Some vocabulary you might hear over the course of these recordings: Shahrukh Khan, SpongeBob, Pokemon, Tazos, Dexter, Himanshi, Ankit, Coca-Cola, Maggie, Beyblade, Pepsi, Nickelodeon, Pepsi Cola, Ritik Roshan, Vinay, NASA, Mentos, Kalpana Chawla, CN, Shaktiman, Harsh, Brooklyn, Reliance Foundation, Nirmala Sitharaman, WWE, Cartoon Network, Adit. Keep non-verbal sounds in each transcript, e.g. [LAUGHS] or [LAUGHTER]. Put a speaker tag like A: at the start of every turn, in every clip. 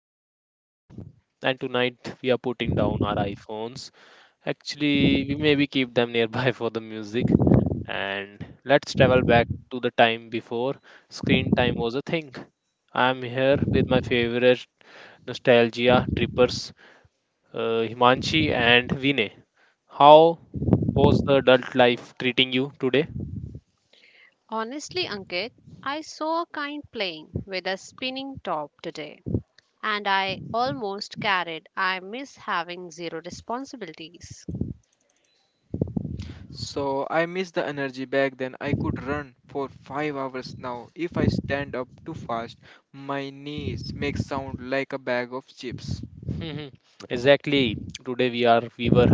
A: host Ankit, and tonight we are putting down our iPhones. Actually, we maybe keep them nearby [LAUGHS] for the music, and let's travel back to the time before screen time was a thing. I'm here with my favorite nostalgia trippers, Himanshi and Vinay. How was the adult life treating you today?
B: Honestly, Ankit, I saw a kind playing with a spinning top today, and I almost carried. I miss having zero responsibilities.
C: So I miss the energy back then. I could run for 5 hours now. If I stand up too fast, my knees make sound like a bag of chips.
A: [LAUGHS] Exactly. Today we were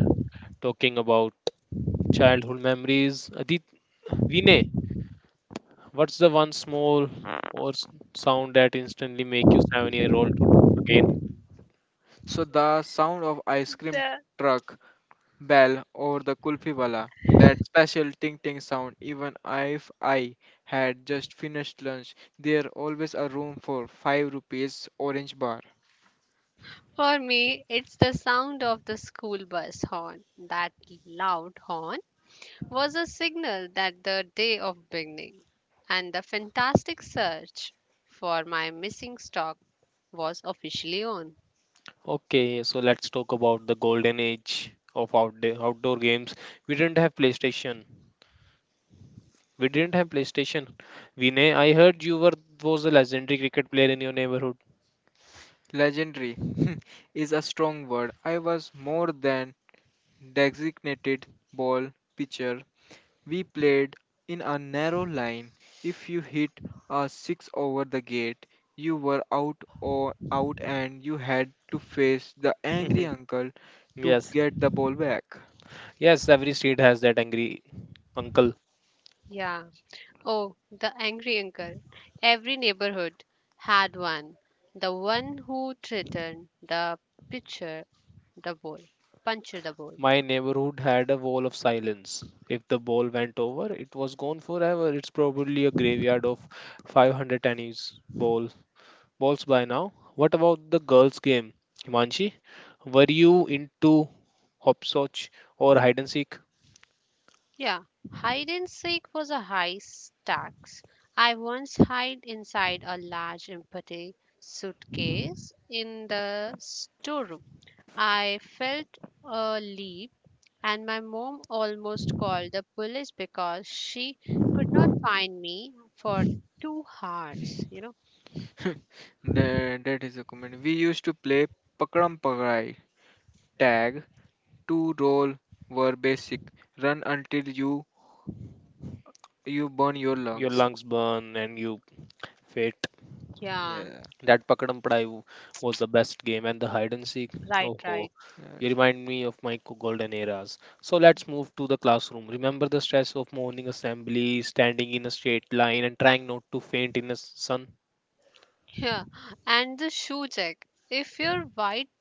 A: talking about childhood memories. Adit, Vinay, what's the one small or sound that instantly make you 7 year old to again?
C: So the sound of ice cream
B: The-
C: truck bell or the kulfi wala, that special ting ting sound. Even if I had just finished lunch, there always a room for five rupees orange bar.
B: for me, it's the sound of the school bus horn. That loud horn was a signal that the day of beginning, and the fantastic search for my missing stock was officially on.
A: Okay, so let's talk about the golden age of outdoor games. We didn't have PlayStation. We didn't have PlayStation. Vinay, I heard you were was a legendary cricket player in your neighborhood.
C: Legendary [LAUGHS] is a strong word. I was more than designated ball pitcher. We played in a narrow line. If you hit a six over the gate, you were out or out and you had to face the angry
A: [LAUGHS]
C: uncle to
A: Yes,
C: get the ball back.
A: yes, every street has that angry uncle.
B: Yeah. Oh, the angry uncle. Every neighborhood had one. The one who threatened the pitcher, the ball, puncture the ball.
A: My neighborhood had a wall of silence. If the ball went over, it was gone forever. It's probably a graveyard of 500 tennis ball balls by now. What about the girls' game, Himanshi? Were you into hopscotch or hide and seek?
B: Yeah, hide and seek was a high stakes. I once hid inside a large empty suitcase in the storeroom. I felt a leap, and my mom almost called the police because she could not find me for 2 hours. You know?
C: That is a comment. We used to play Pakram Pakrai. Tag, two roll were basic. Run until you burn your
A: Your
C: lungs.
A: lungs burn and you faint.
B: Yeah,
C: Yeah.
A: That Pakadam Padai was the best game, and the hide and seek.
B: right,
A: Oh ho,
B: right.
C: uh,
A: you
C: sh-
A: remind me of my golden eras. So let's move to the classroom. Remember the stress of morning assembly, standing in a straight line, and trying not to faint in the sun.
B: Yeah, and the shoe check. If your white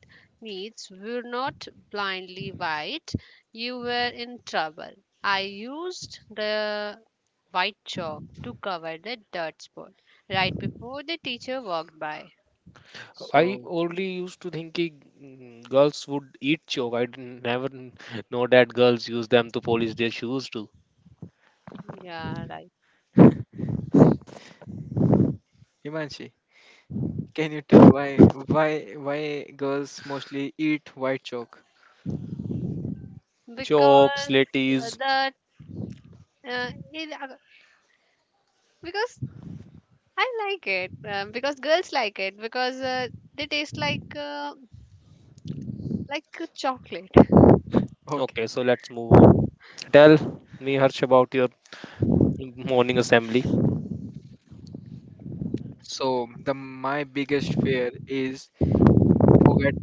B: meats were not blindly white, you were in trouble. I used the white chalk to cover the dirt spot right before the teacher walked by.
A: I
C: so
A: only used to think ki, mm, girls would eat chalk. I didn't- never know that girls use them to polish their shoes too.
B: Yeah, right.
C: Himanshi, can you tell why why girls mostly eat white chalk?
A: Chalk,
B: Because
A: slatties.
B: that, uh, it, uh, because I like it, because girls like it because they taste like a chocolate.
A: Okay,
C: Okay.
A: so let's move on. Tell me, Harsh, about your morning assembly.
C: So the my biggest fear is forget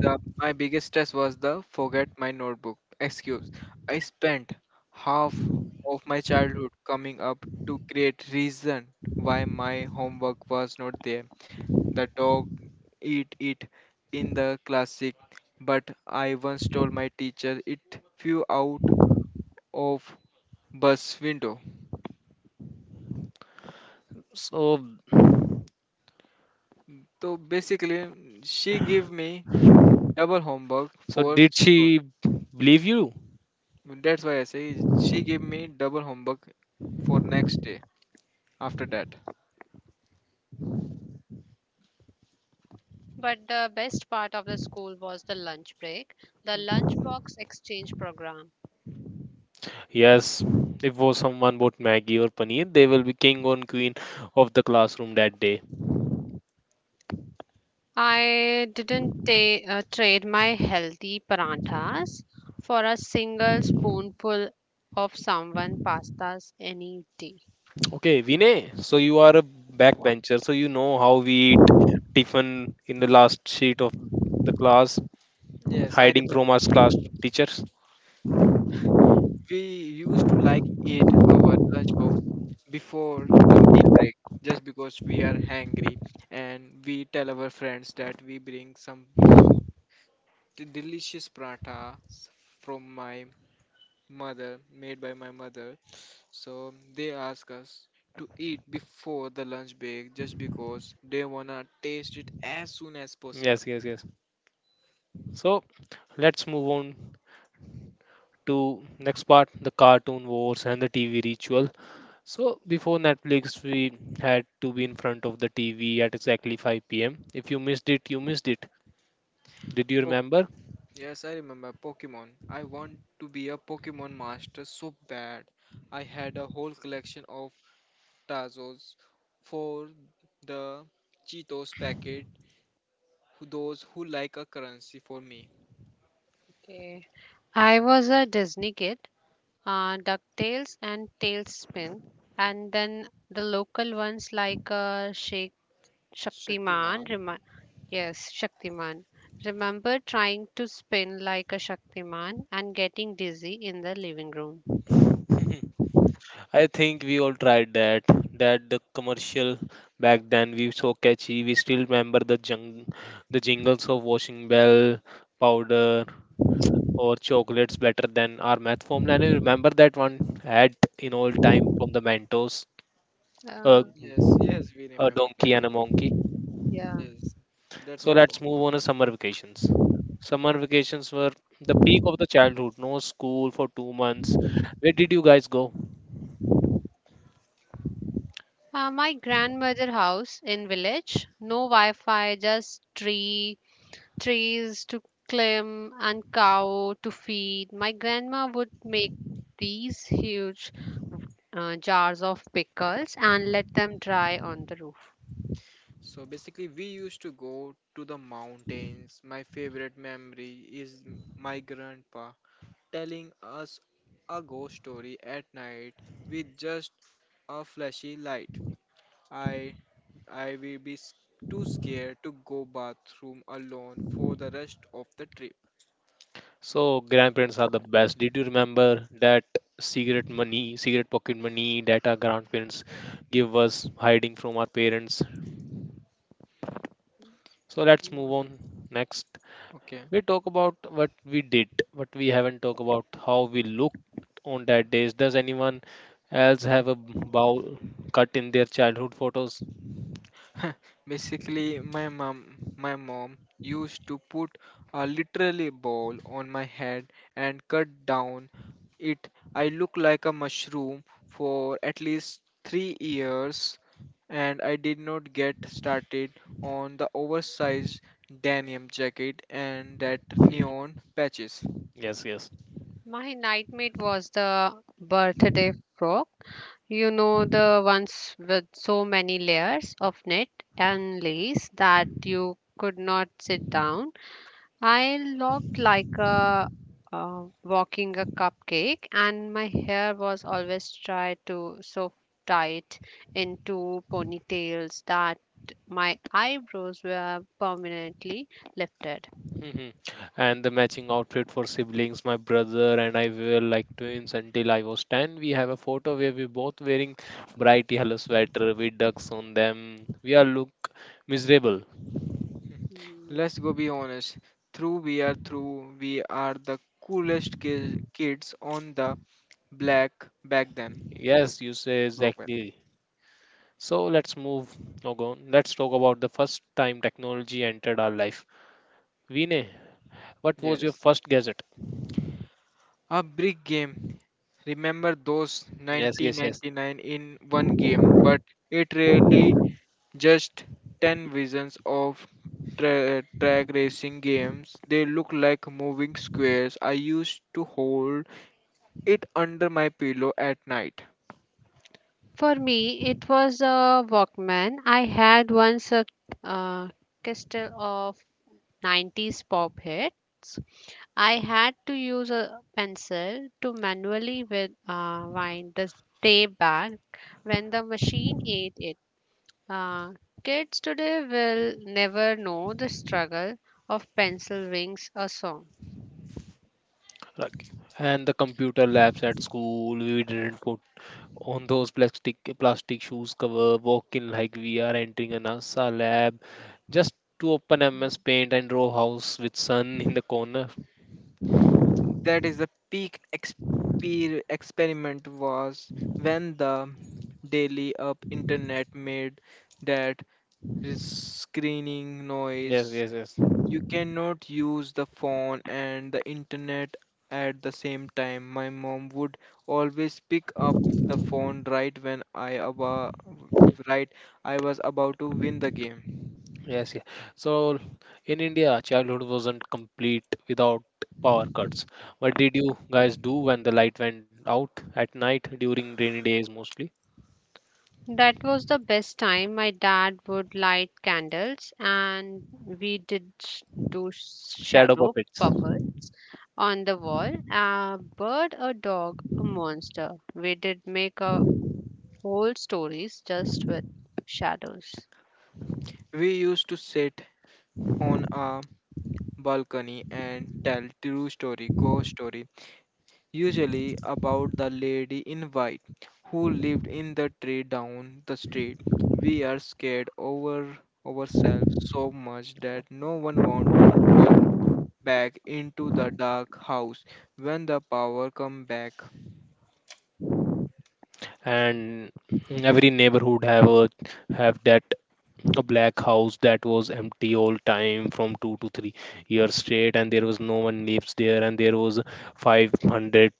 C: the my biggest stress was the forget my notebook excuse. I spent half of my childhood coming up to create reason why my homework was not there. The dog eat it in the classic, but I once told my teacher it flew out of bus window.
A: So
C: So basically, she gave me double homework
A: so
C: for
A: did
C: soon.
A: she believe you?
C: That's why I say she gave me double homework for next day after that.
B: But the best part of the school was the lunch break, the lunchbox exchange program.
A: Yes, if was someone bought Maggie or Paneer, they will be king or queen of the classroom that day.
B: I didn't trade my healthy paranthas for a single spoonful of someone pasta's any day.
A: Okay, Vinay, so you are a backbencher, so you know how we eat tiffin in the last sheet of the class,
C: Yes, I
A: hiding
C: remember.
A: from us class teachers.
C: We used to like eat our lunchbox before the meal break just because we are hungry and we tell our friends that we bring some delicious paratha s- from my mother made by my mother, so they ask us to eat before the lunch break just because they wanna taste it as soon as possible.
A: Yes, yes, yes. So let's move on to next part, the cartoon wars and the TV ritual. So before Netflix, we had to be in front of the TV at exactly 5 p.m. If you missed it, you missed it. Did you remember?
C: Yes, I remember Pokemon. I want to be a Pokemon master so bad. I had a whole collection of Tazos for the Cheetos packet, those who like a currency for me.
B: Okay. I was a Disney kid, ducktails and tailspin, and then the local ones like shaktiman
C: Shaktiman.
B: yes shaktiman, remember trying to spin like a shaktiman and getting dizzy in the living room.
A: [LAUGHS] I think we all tried that. That the commercial back then we so catchy. We still remember the jung, the jingles of washing bell, powder,
B: Um,
A: or chocolates better than our math formula. And I remember that one ad in old time from the Mentos, a,
B: uh,
C: Yes, yes, we
A: a
C: remember that
A: donkey and
C: one.
A: a monkey.
B: yeah
C: Yes, that
A: So
C: was
A: let's move
C: awesome.
A: on to summer vacations. Summer vacations were the peak of the childhood. No school for 2 months. Where did you guys go?
B: my grandmother house in village, no wi-fi, just trees to climb and cow to feed. My grandma would make these huge jars of pickles and let them dry on the roof.
C: So basically, we used to go to the mountains. My favorite memory is my grandpa telling us a ghost story at night with just a flashy light. I I will too scared to go bathroom alone for the rest of the trip.
A: So grandparents are the best. Did you remember that cigarette money, cigarette pocket money that our grandparents give us hiding from our parents? So let's move on next.
C: Okay.
A: We talk about what we did, but we haven't talked about how we looked on that days. Does anyone else have a bowl cut in their childhood photos?
C: [LAUGHS] Basically, my mom used to put a literally ball on my head and cut down it. I looked like a mushroom for at least 3 years, and I did not get started on the oversized denim jacket and that neon patches. [LAUGHS]
A: Yes, yes.
B: My nightmate was the birthday frog. You know, the ones with so many layers of net and lace that you could not sit down. I looked like a walking a cupcake, and my hair was always tried to so tight into ponytails that my eyebrows were permanently lifted.
A: Mhm. And the matching outfit for siblings, my brother and I were like twins until I was 10. We have a photo where we both wearing bright yellow sweater with ducks on them. We all look miserable.
C: Hmm. Let's go be honest. We are the coolest kids on the black back then.
A: Yes, you say
C: Brooklyn.
A: exactly. So let's move on. Let's talk about the first time technology entered our life. Vinay, what was your
C: Yes.
A: first gadget?
C: A big game. Remember those
A: Yes, yes, yes.
C: 1999 in one game, but it really just 10 visions of track racing games. They look like moving squares. I used to hold it under my pillow at night.
B: For me, it was a Walkman. I had once a uh, crystal of 90s pop hits. I had to use a pencil to manually wind the tape back when the machine ate it. Uh, Kids today will never know the struggle of pencil wings a song.
A: Like, and the computer labs at school, we didn't put on those plastic shoes cover, walk in like we are entering a NASA lab, just to open
B: Mm.
A: MS Paint and draw house with sun in the corner.
C: That is the peak experiment was when the daily up internet made that screening
A: Yes,
C: noise.
A: yes, yes.
C: You cannot use the phone and the internet at the same time. My mom would always pick up the phone right when I aba- right I was about to win the game.
A: Yes, yeah. So in India, childhood wasn't complete without power cuts. What did you guys do when the light went out at night during rainy days mostly?
B: That was the best time. My dad would light candles, and we do
A: Shadow
B: shadow
A: puppets.
B: puppet on the wall. A bird, a dog, a monster. We did make a whole stories just with shadows.
C: We used to sit on a balcony and tell true story, ghost story, usually about the lady in white who lived in the tree down the street. We are scared over ourselves so much that no one wants to walk back into the dark house when the power come back.
A: And every neighborhood have a have that a black house that was empty all time from 2 to 3 years straight, and there was no one lives there, and there was 500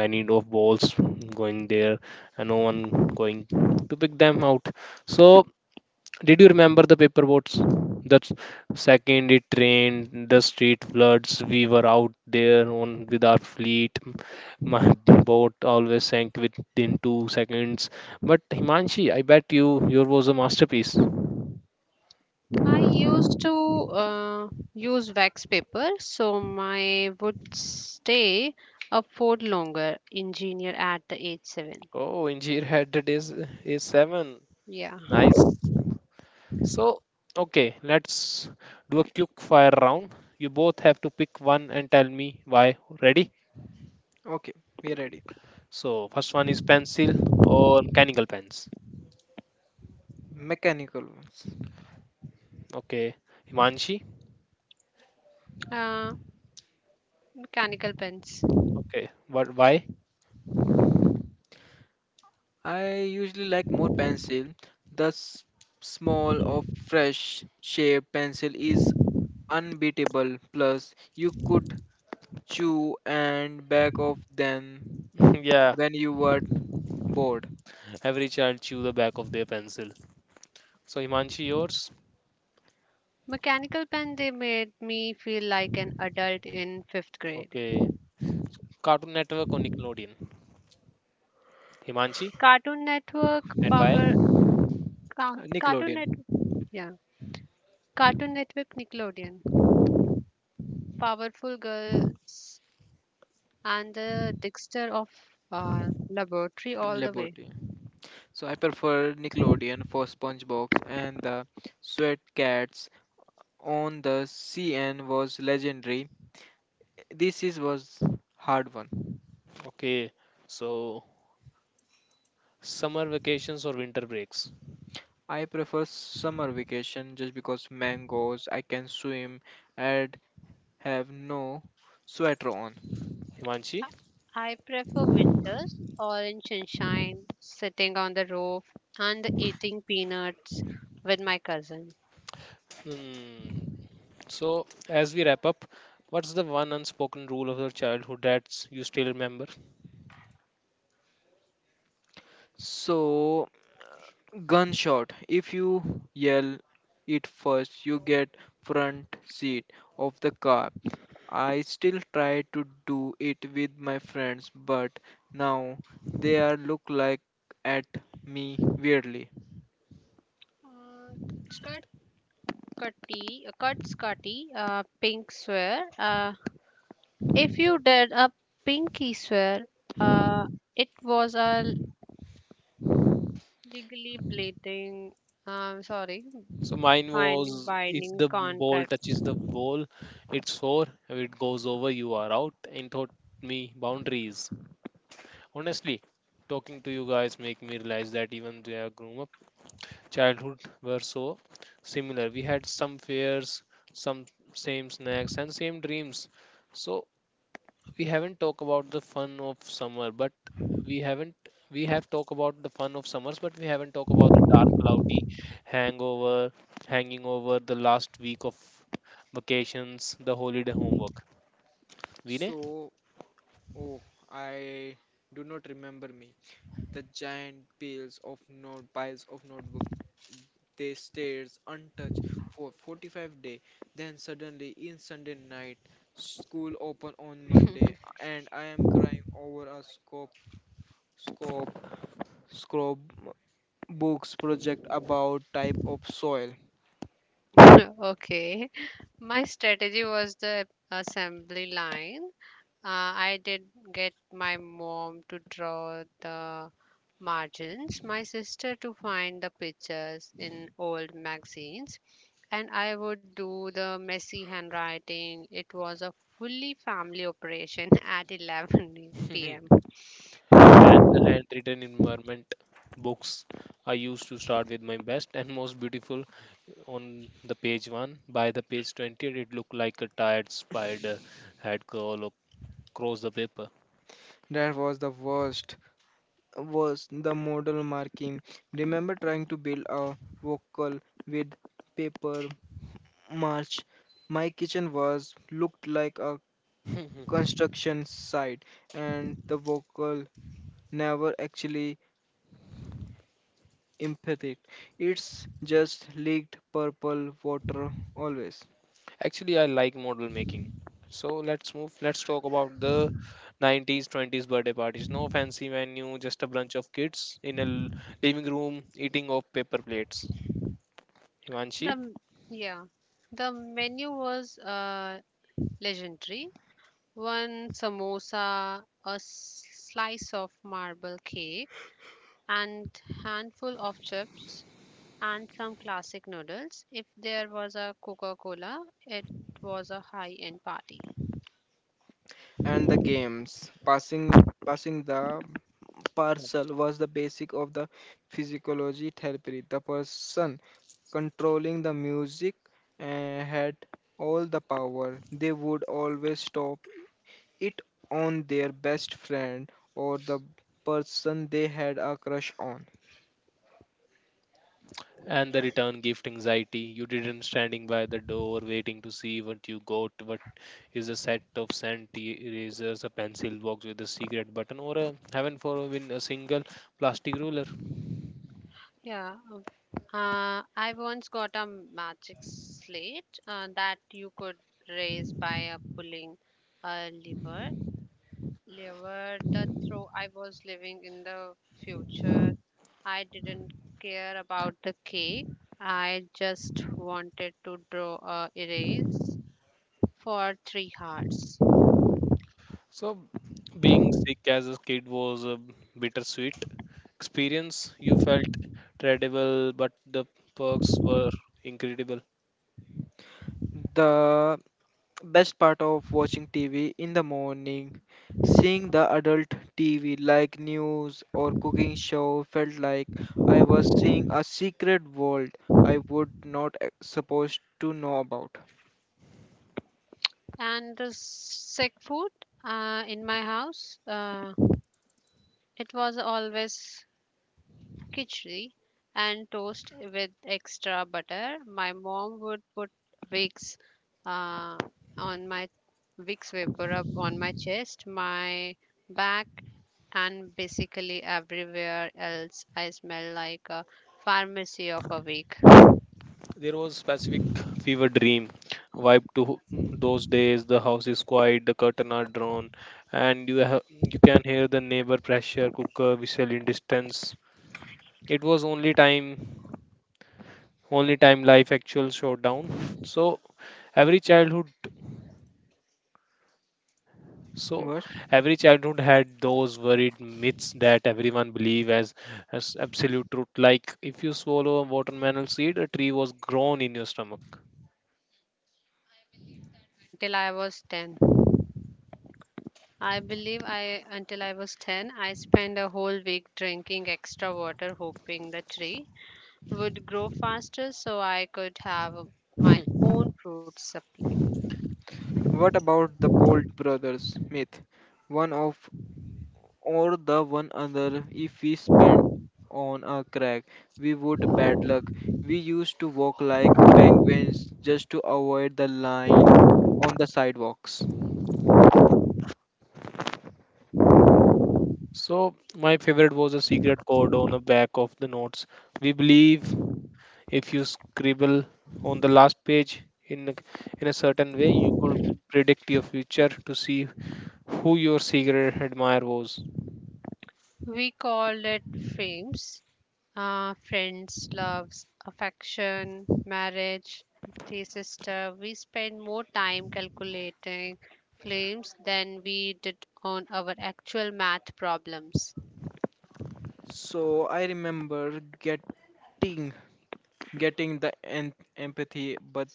A: many of balls going there and no one going to pick them out. So did you remember the paper boats? That's second it rained the street floods we were out there on with our fleet. [LAUGHS] My boat always sank within 2 seconds, but Himanshi, I bet you your was a masterpiece.
B: I used to uh, use wax paper so my would stay up for longer. Engineer at the age seven.
A: Oh, Injir had it is seven.
B: Yeah.
A: Nice. So, okay, let's do a quick fire round. You both have to pick one and tell me why. Ready?
C: Okay, we're ready.
A: So, first one is pencil or mechanical pens.
C: Mechanical ones.
A: Okay, Himanshi.
B: Uh, Mechanical pens.
A: Okay, what? Why?
C: I usually like more pencil. The s- small or fresh shape pencil is unbeatable. Plus, you could chew and back off them
A: [LAUGHS] Yeah,
C: when you were bored.
A: every child chew the back of their pencil. So, Himanshi, yours.
B: Mechanical pen, they made me feel like an adult in fifth grade.
A: Okay, Cartoon Network or Nickelodeon. Himanshi,
B: Cartoon Network,
A: and why?
B: Power, Cartoon
C: Nickelodeon.
B: Network, yeah, Cartoon Network, Nickelodeon, Powerful Girls, and the Dexter of laboratory all the way.
C: Liberty. So I prefer Nickelodeon for SpongeBob and the Sweat on the CN was legendary. This is was hard one.
A: Okay, so summer vacations or winter breaks.
C: I prefer summer vacation just because mangoes, I can swim and have no sweater on.
A: Himanshi.
B: I I prefer winters, orange sunshine, sitting on the roof, and eating peanuts with my cousin.
A: Hmm. So, as we wrap up, what's the one unspoken rule of your childhood that you still remember?
C: So gunshot. If you yell it first, you get front seat of the car. I still try to do it with my friends, but now they are look like at me weirdly.
B: Uh, cut cutty, cuts cutty, Pink swear. If you did a pinky swear, uh, it was a legally bleeding. Sorry,
A: So, mine
B: binding
A: was if
B: binding
A: the ball
B: contract.
A: touches the wall, it's four. If it goes over, you are out. And taught me boundaries. Honestly, talking to you guys make me realize that even they are grown up, childhood were so similar. We had some fears, some same snacks, and same dreams. So we haven't talked about the fun of summer but we haven't we have talked about the fun of summers but we haven't talked about the dark cloudy hangover hanging over the last week of vacations, the holiday homework. Vinay?
C: So oh, I do not remember me. The giant piles of notebook. They stares untouched for 45 day. Then suddenly in Sunday night, school open on Monday, and I am crying over a scope scope books project about type of soil.
B: [LAUGHS] Okay. My strategy was the assembly line. I did get my mom to draw the margins, my sister to find the pictures in old magazines, and I would do the messy handwriting. It was a fully family operation [LAUGHS] at 11 p.m.
A: [LAUGHS] And the handwritten environment books, I used to start with my best and most beautiful on the page 1. By the page 20, it looked like a tired spider had crawled across the paper.
C: That was the worst. Was the model marking. Remember trying to build a vocal with paper March, my kitchen was looked like a
A: [LAUGHS]
C: construction site, and the vocal never actually empathic. It's just leaked purple water always.
A: Actually, I like model making. So let's move. Let's talk about the 90s, 20s birthday parties. No fancy menu, just a bunch of kids in a living room eating off paper plates.
B: The
A: Himanshi?
B: m- yeah, the menu was legendary. One samosa, a slice of marble cake, and handful of chips and some classic noodles. If there was a Coca-Cola, it was a high-end party.
C: And the games, passing the parcel was the basic of the physiology therapy. The person controlling the music had all the power. They would always stop it on their best friend or the person they had a crush on.
A: And the return gift anxiety. You didn't standing by the door waiting to see what you got. What is a set of scent erasers, a pencil box with a secret button, or a heaven forbid a single plastic ruler.
B: Yeah. I once got a magic slate that you could raise by pulling a lever, liver the throw. I was living in the future. I didn't care about the cake. I just wanted to draw a erase for three hearts.
A: So being sick as a kid was bittersweet experience. You felt terrible but the perks were incredible.
C: The best part of watching TV in the morning, seeing the adult TV like news or cooking show felt like I was seeing a secret world I would not e- supposed to know about.
B: And the sick food, in my house, it was always khichdi and toast with extra butter. My mom would put wicks, uh, on my wicks vapor up on my chest, my back, and basically everywhere else. I smell like a pharmacy of a week.
A: There was specific fever dream vibe to those days. The house is quiet, the curtain are drawn, and you have you can hear the neighbor pressure cooker whistle in distance. It was only time life actual showdown. So every childhood So
C: What?
A: every childhood had those worried myths that everyone believe as absolute truth. Like if you swallow a watermelon seed, a tree was grown in your stomach.
B: Until I was 10. I believe I until I was 10, I spent a whole week drinking extra water, hoping the tree would grow faster so I could have my own fruit supply.
C: What about the Bold Brothers myth? One of or The one another, if we spent on a crack we would bad luck, we used to walk like penguins just to avoid the line on the sidewalks.
A: So my favorite was a secret code on the back of the notes. We believe if you scribble on the last page in a, in a certain way, you could predict your future to see who your secret admirer was.
B: We called it frames. Friends, loves, affection, marriage, the sister. We spent more time calculating flames than we did on our actual math problems.
C: So I remember getting getting empathy but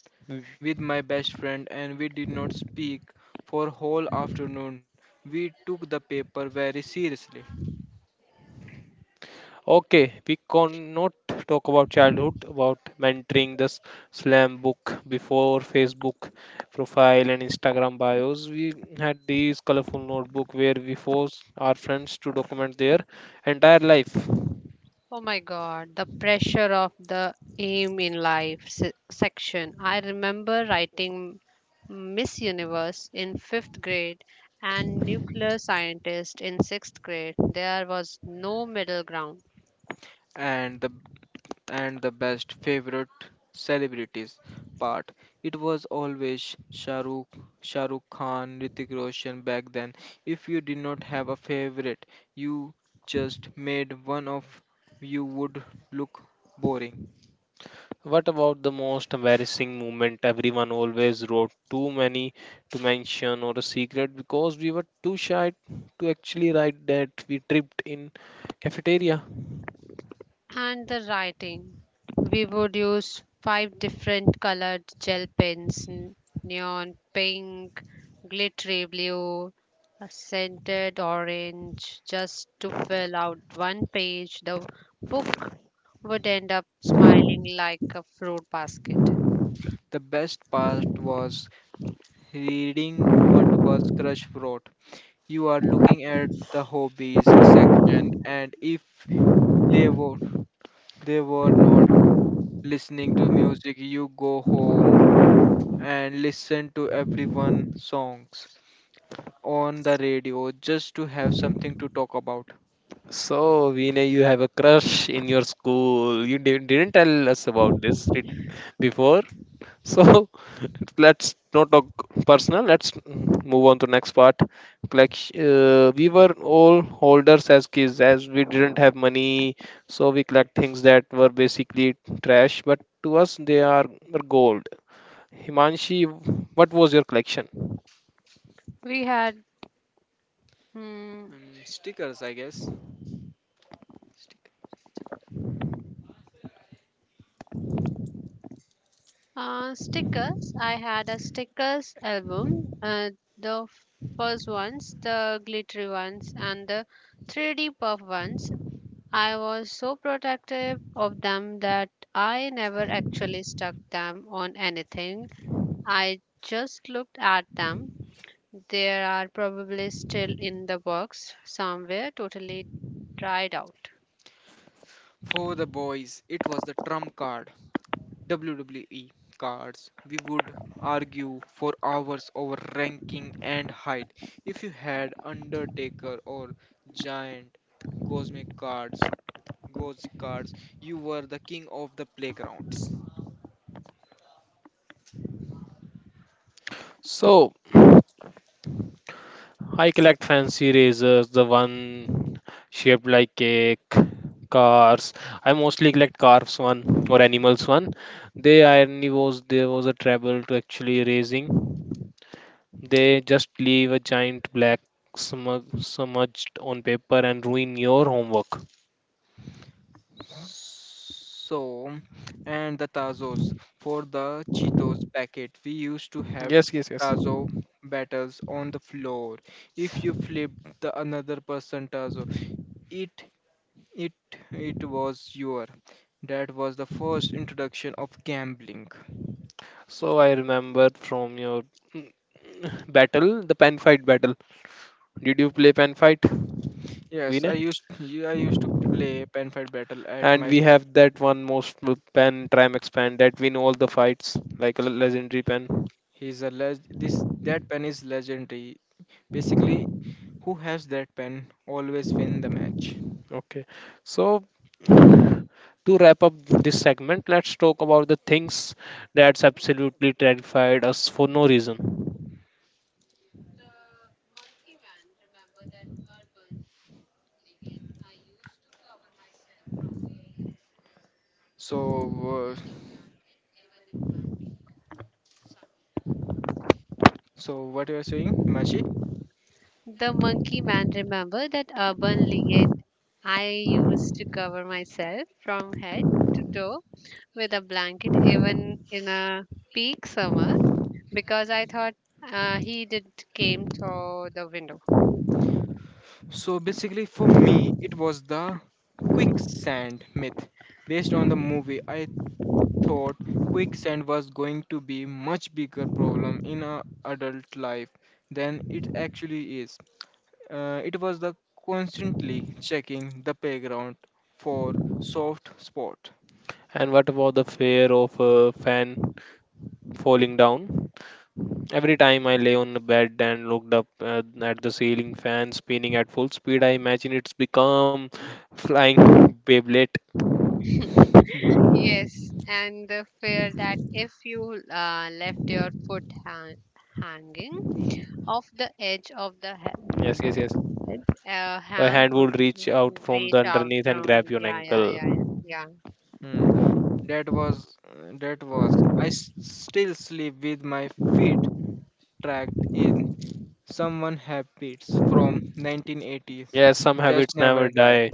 C: with my best friend, and we did not speak for whole afternoon. We took the paper very seriously.
A: Okay, we cannot talk about childhood, about mentoring the slam book before Facebook profile and Instagram bios. We had these colorful notebook where we forced our friends to document their entire life.
B: Oh my god, the pressure of the aim in life section. I remember writing Miss Universe in fifth grade and nuclear scientist in sixth grade. There was no middle ground.
C: and the and the best favorite celebrities part. It was always Shahrukh Khan, Ritik Roshan back then. If you did not have a favorite, you just made one of you would look boring.
A: What about the most embarrassing moment? Everyone always wrote too many to mention or a secret because we were too shy to actually write that we tripped in cafeteria.
B: And the writing, we would use five different colored gel pens, neon pink, glittery blue, a scented orange, just to fill out one page. The book would end up smiling like a fruit basket.
C: The best part was reading what was crush wrote. You are looking at the hobbies section, and if they were they were not listening to music, you go home and listen to everyone songs on the radio just to have something to talk about.
A: So, Vinay, you have a crush in your school. You didn't tell us about this before. So, [LAUGHS] let's not talk personal. Let's move on to next part. Like, we were all holders as kids, as we didn't have money. So, we collect things that were basically trash, but to us, they are gold. Himanshi, what was your collection?
B: We had hmm,
C: Mm, stickers, I guess. Stick.
B: stickers. I had a stickers album. The first ones, the glittery ones, and the 3D puff ones. I was so protective of them that I never actually stuck them on anything. I just looked at them. They are probably still in the box somewhere, totally dried out.
C: For the boys, it was the trump card, WWE cards. We would argue for hours over ranking and height. If you had Undertaker or Giant Cosmic cards, Ghost cards, you were the king of the playgrounds.
A: So, I collect fancy razors, the one shaped like cake, cars. I mostly collect cars one or animals one. They irony was there was a trouble to actually raising. They just leave a giant black smudged on paper and ruin your homework.
C: So, and the Tazos. For the Cheetos packet, we used to have
A: Yes, yes, yes.
C: Tazo battles on the floor. If you flipped the another person Tazo, it it it was your. That was the first introduction of gambling.
A: So I remember from your mm, battle, the pen fight battle. Did you play pen fight,
C: Yes, I
A: Vinay?
C: used yeah, I used to play pen fight battle at my.
A: And we have that one most pen tram expand that win all the fights like a legendary pen.
C: He's a leg. This that pen is legendary. Basically, who has that pen always win the match.
A: Okay, so to wrap up this segment, let's talk about the things that's absolutely terrified us for no reason.
C: So, so what you are saying, Mashi?
B: The monkey man, remember that urban legend? I used to cover myself from head to toe with a blanket, even in a peak summer, because I thought he did came through the window.
C: So basically, for me, it was the quicksand myth. Based on the movie, I thought quicksand was going to be much bigger problem in our adult life than it actually is. It was the constantly checking the playground for soft spot.
A: And what about the fear of a fan falling down? Every time I lay on the bed and looked up at the ceiling fan spinning at full speed, I imagine it's become flying [LAUGHS] beyblade.
B: [LAUGHS] Yes, and the fear that if you left your foot hanging off the edge of the head,
A: Yes, yes, yes. A
B: hand
A: hand
B: would
A: would reach out from the
B: reach out
A: underneath and
B: from.
A: grab your
B: Yeah, yeah,
A: ankle.
B: yeah, yeah, yeah.
C: Hmm. That was that was. I still sleep with my feet tracked in. Someone Have from 1980s
A: Yes, some
C: just
A: habits never
C: never die.
A: die.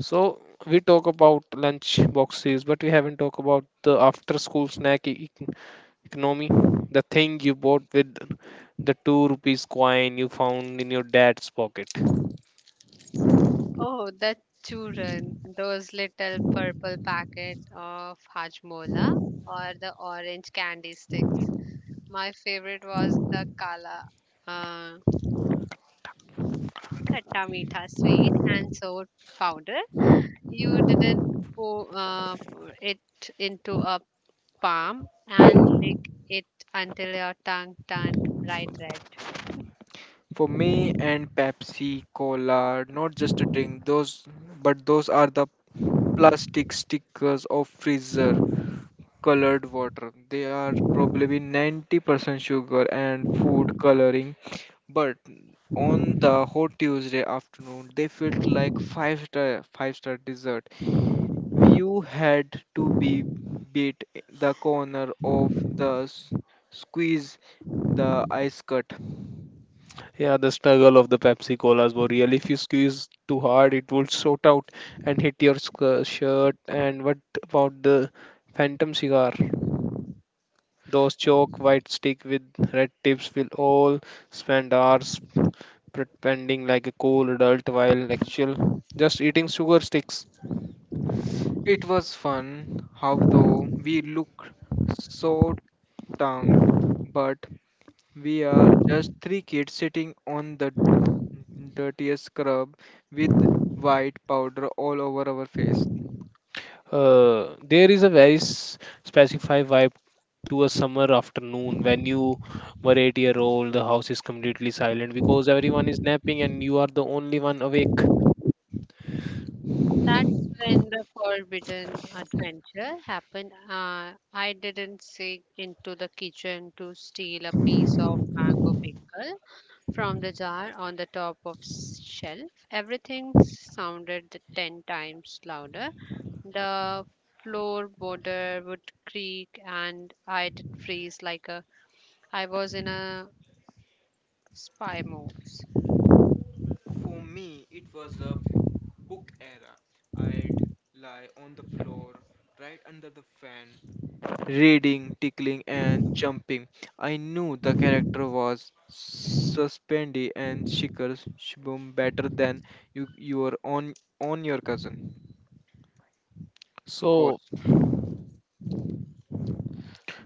A: So we talk about lunch boxes, but we haven't talked about the after school snack economy. The thing you bought with the two rupees coin you found in your dad's pocket.
B: Oh, the children, those little purple packet of hajmola or the orange candy sticks. My favorite was the kala, uh, khatta meetha sweet and sour powder. You didn't pour it into a palm and lick it until your tongue turned bright red.
C: For me and Pepsi Cola, not just a drink, those are the plastic stickers of freezer colored water. They are probably 90% sugar and food coloring, but on the hot Tuesday afternoon, they felt like five-star dessert. You had to be beat the corner of squeeze the ice cut.
A: Yeah, the struggle of the Pepsi colas were real. If you squeeze too hard, it would shoot out and hit your shirt. And what about the phantom cigar? Those chalk white stick with red tips will all spend hours pretending like a cool adult while actual just eating sugar sticks.
C: It was fun, how though we look so tongued, but we are just three kids sitting on the dirtiest scrub with white powder all over our face.
A: There is a very specified vibe to a summer afternoon when you were 8 year old. The house is completely silent because everyone is napping and you are the only one awake.
B: That's when the forbidden adventure happened. I didn't sneak into the kitchen to steal a piece of mango pickle from the jar on the top of shelf. Everything sounded ten times louder. The floorboarder would creak, and I'd freeze like a I was in a spy moves.
C: For me, it was the book era. I'd lie on the floor, right under the fan, reading, tickling, and jumping. I knew the character was suspendy and Shikar Shibum better than your own on your cousin.
A: So
C: Course.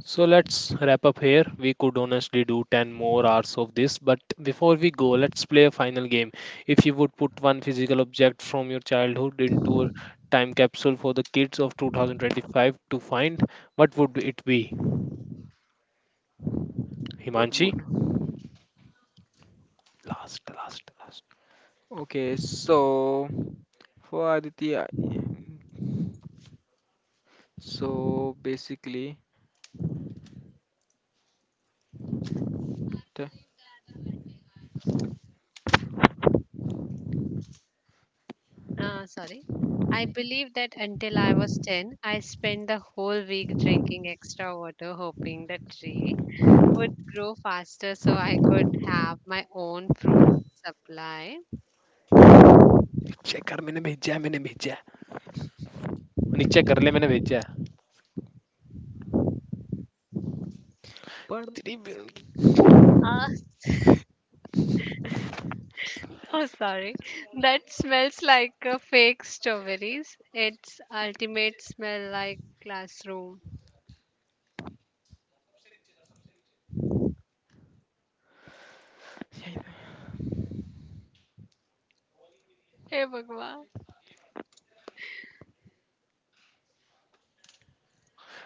C: So
A: So let's wrap up here. We could honestly do 10 more hours of this, but before we go, let's play a final game. If you would put one physical object from your childhood into a time capsule for the kids of 2025 to find, what would it be?
C: but
A: Himanshi?
C: would
A: Last, last, last.
C: okay so for Aditya mm, so basically the-
B: Sorry. I believe that until I was 10, I spent the whole week drinking extra water, hoping the tree would grow faster so I could have my own fruit supply.
A: नीचे कर मैंने भेजा है वो नीचे कर ले मैंने भेजा है
C: but
A: तेरी भी.
B: Ah, [LAUGHS] oh, sorry. That smells like fake strawberries. It's ultimate smell like classroom. Hey, Bhagwan.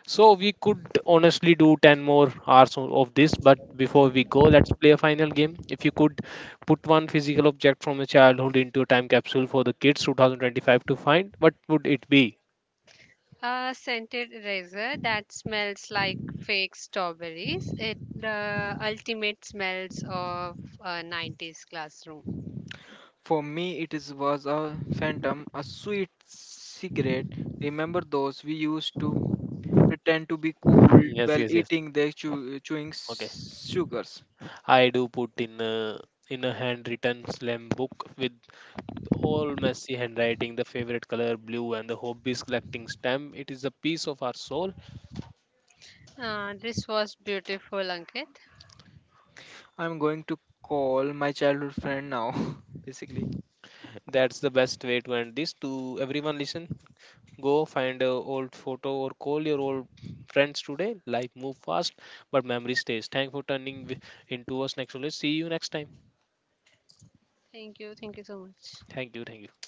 A: So we could honestly do 10 more hours of this, but before we go, let's play a final game. If you could put one physical object from your childhood into a time capsule for the kids 2025 to find, what would it be?
B: A scented razor that smells like fake strawberries. It the ultimate smells of a 90s classroom.
C: For me, it is was a phantom a sweet cigarette. Remember those? We used to pretend to be cool
A: Yes,
C: while
A: yes, yes.
C: eating their chewing
A: Okay.
C: sugars.
A: I do put in a handwritten slam book with all messy handwriting, the favorite color blue, and the hobbies collecting stamp. It is a piece of our soul.
B: This was beautiful, Ankit.
C: I'm going to call my childhood friend now, [LAUGHS] basically.
A: That's the best way to end this. To everyone, listen. Go find a old photo or call your old friends today. Life move fast, but memory stays. Thank for turning into us next knowledge. See you next time.
B: Thank you. Thank you so much.
A: Thank you. Thank you.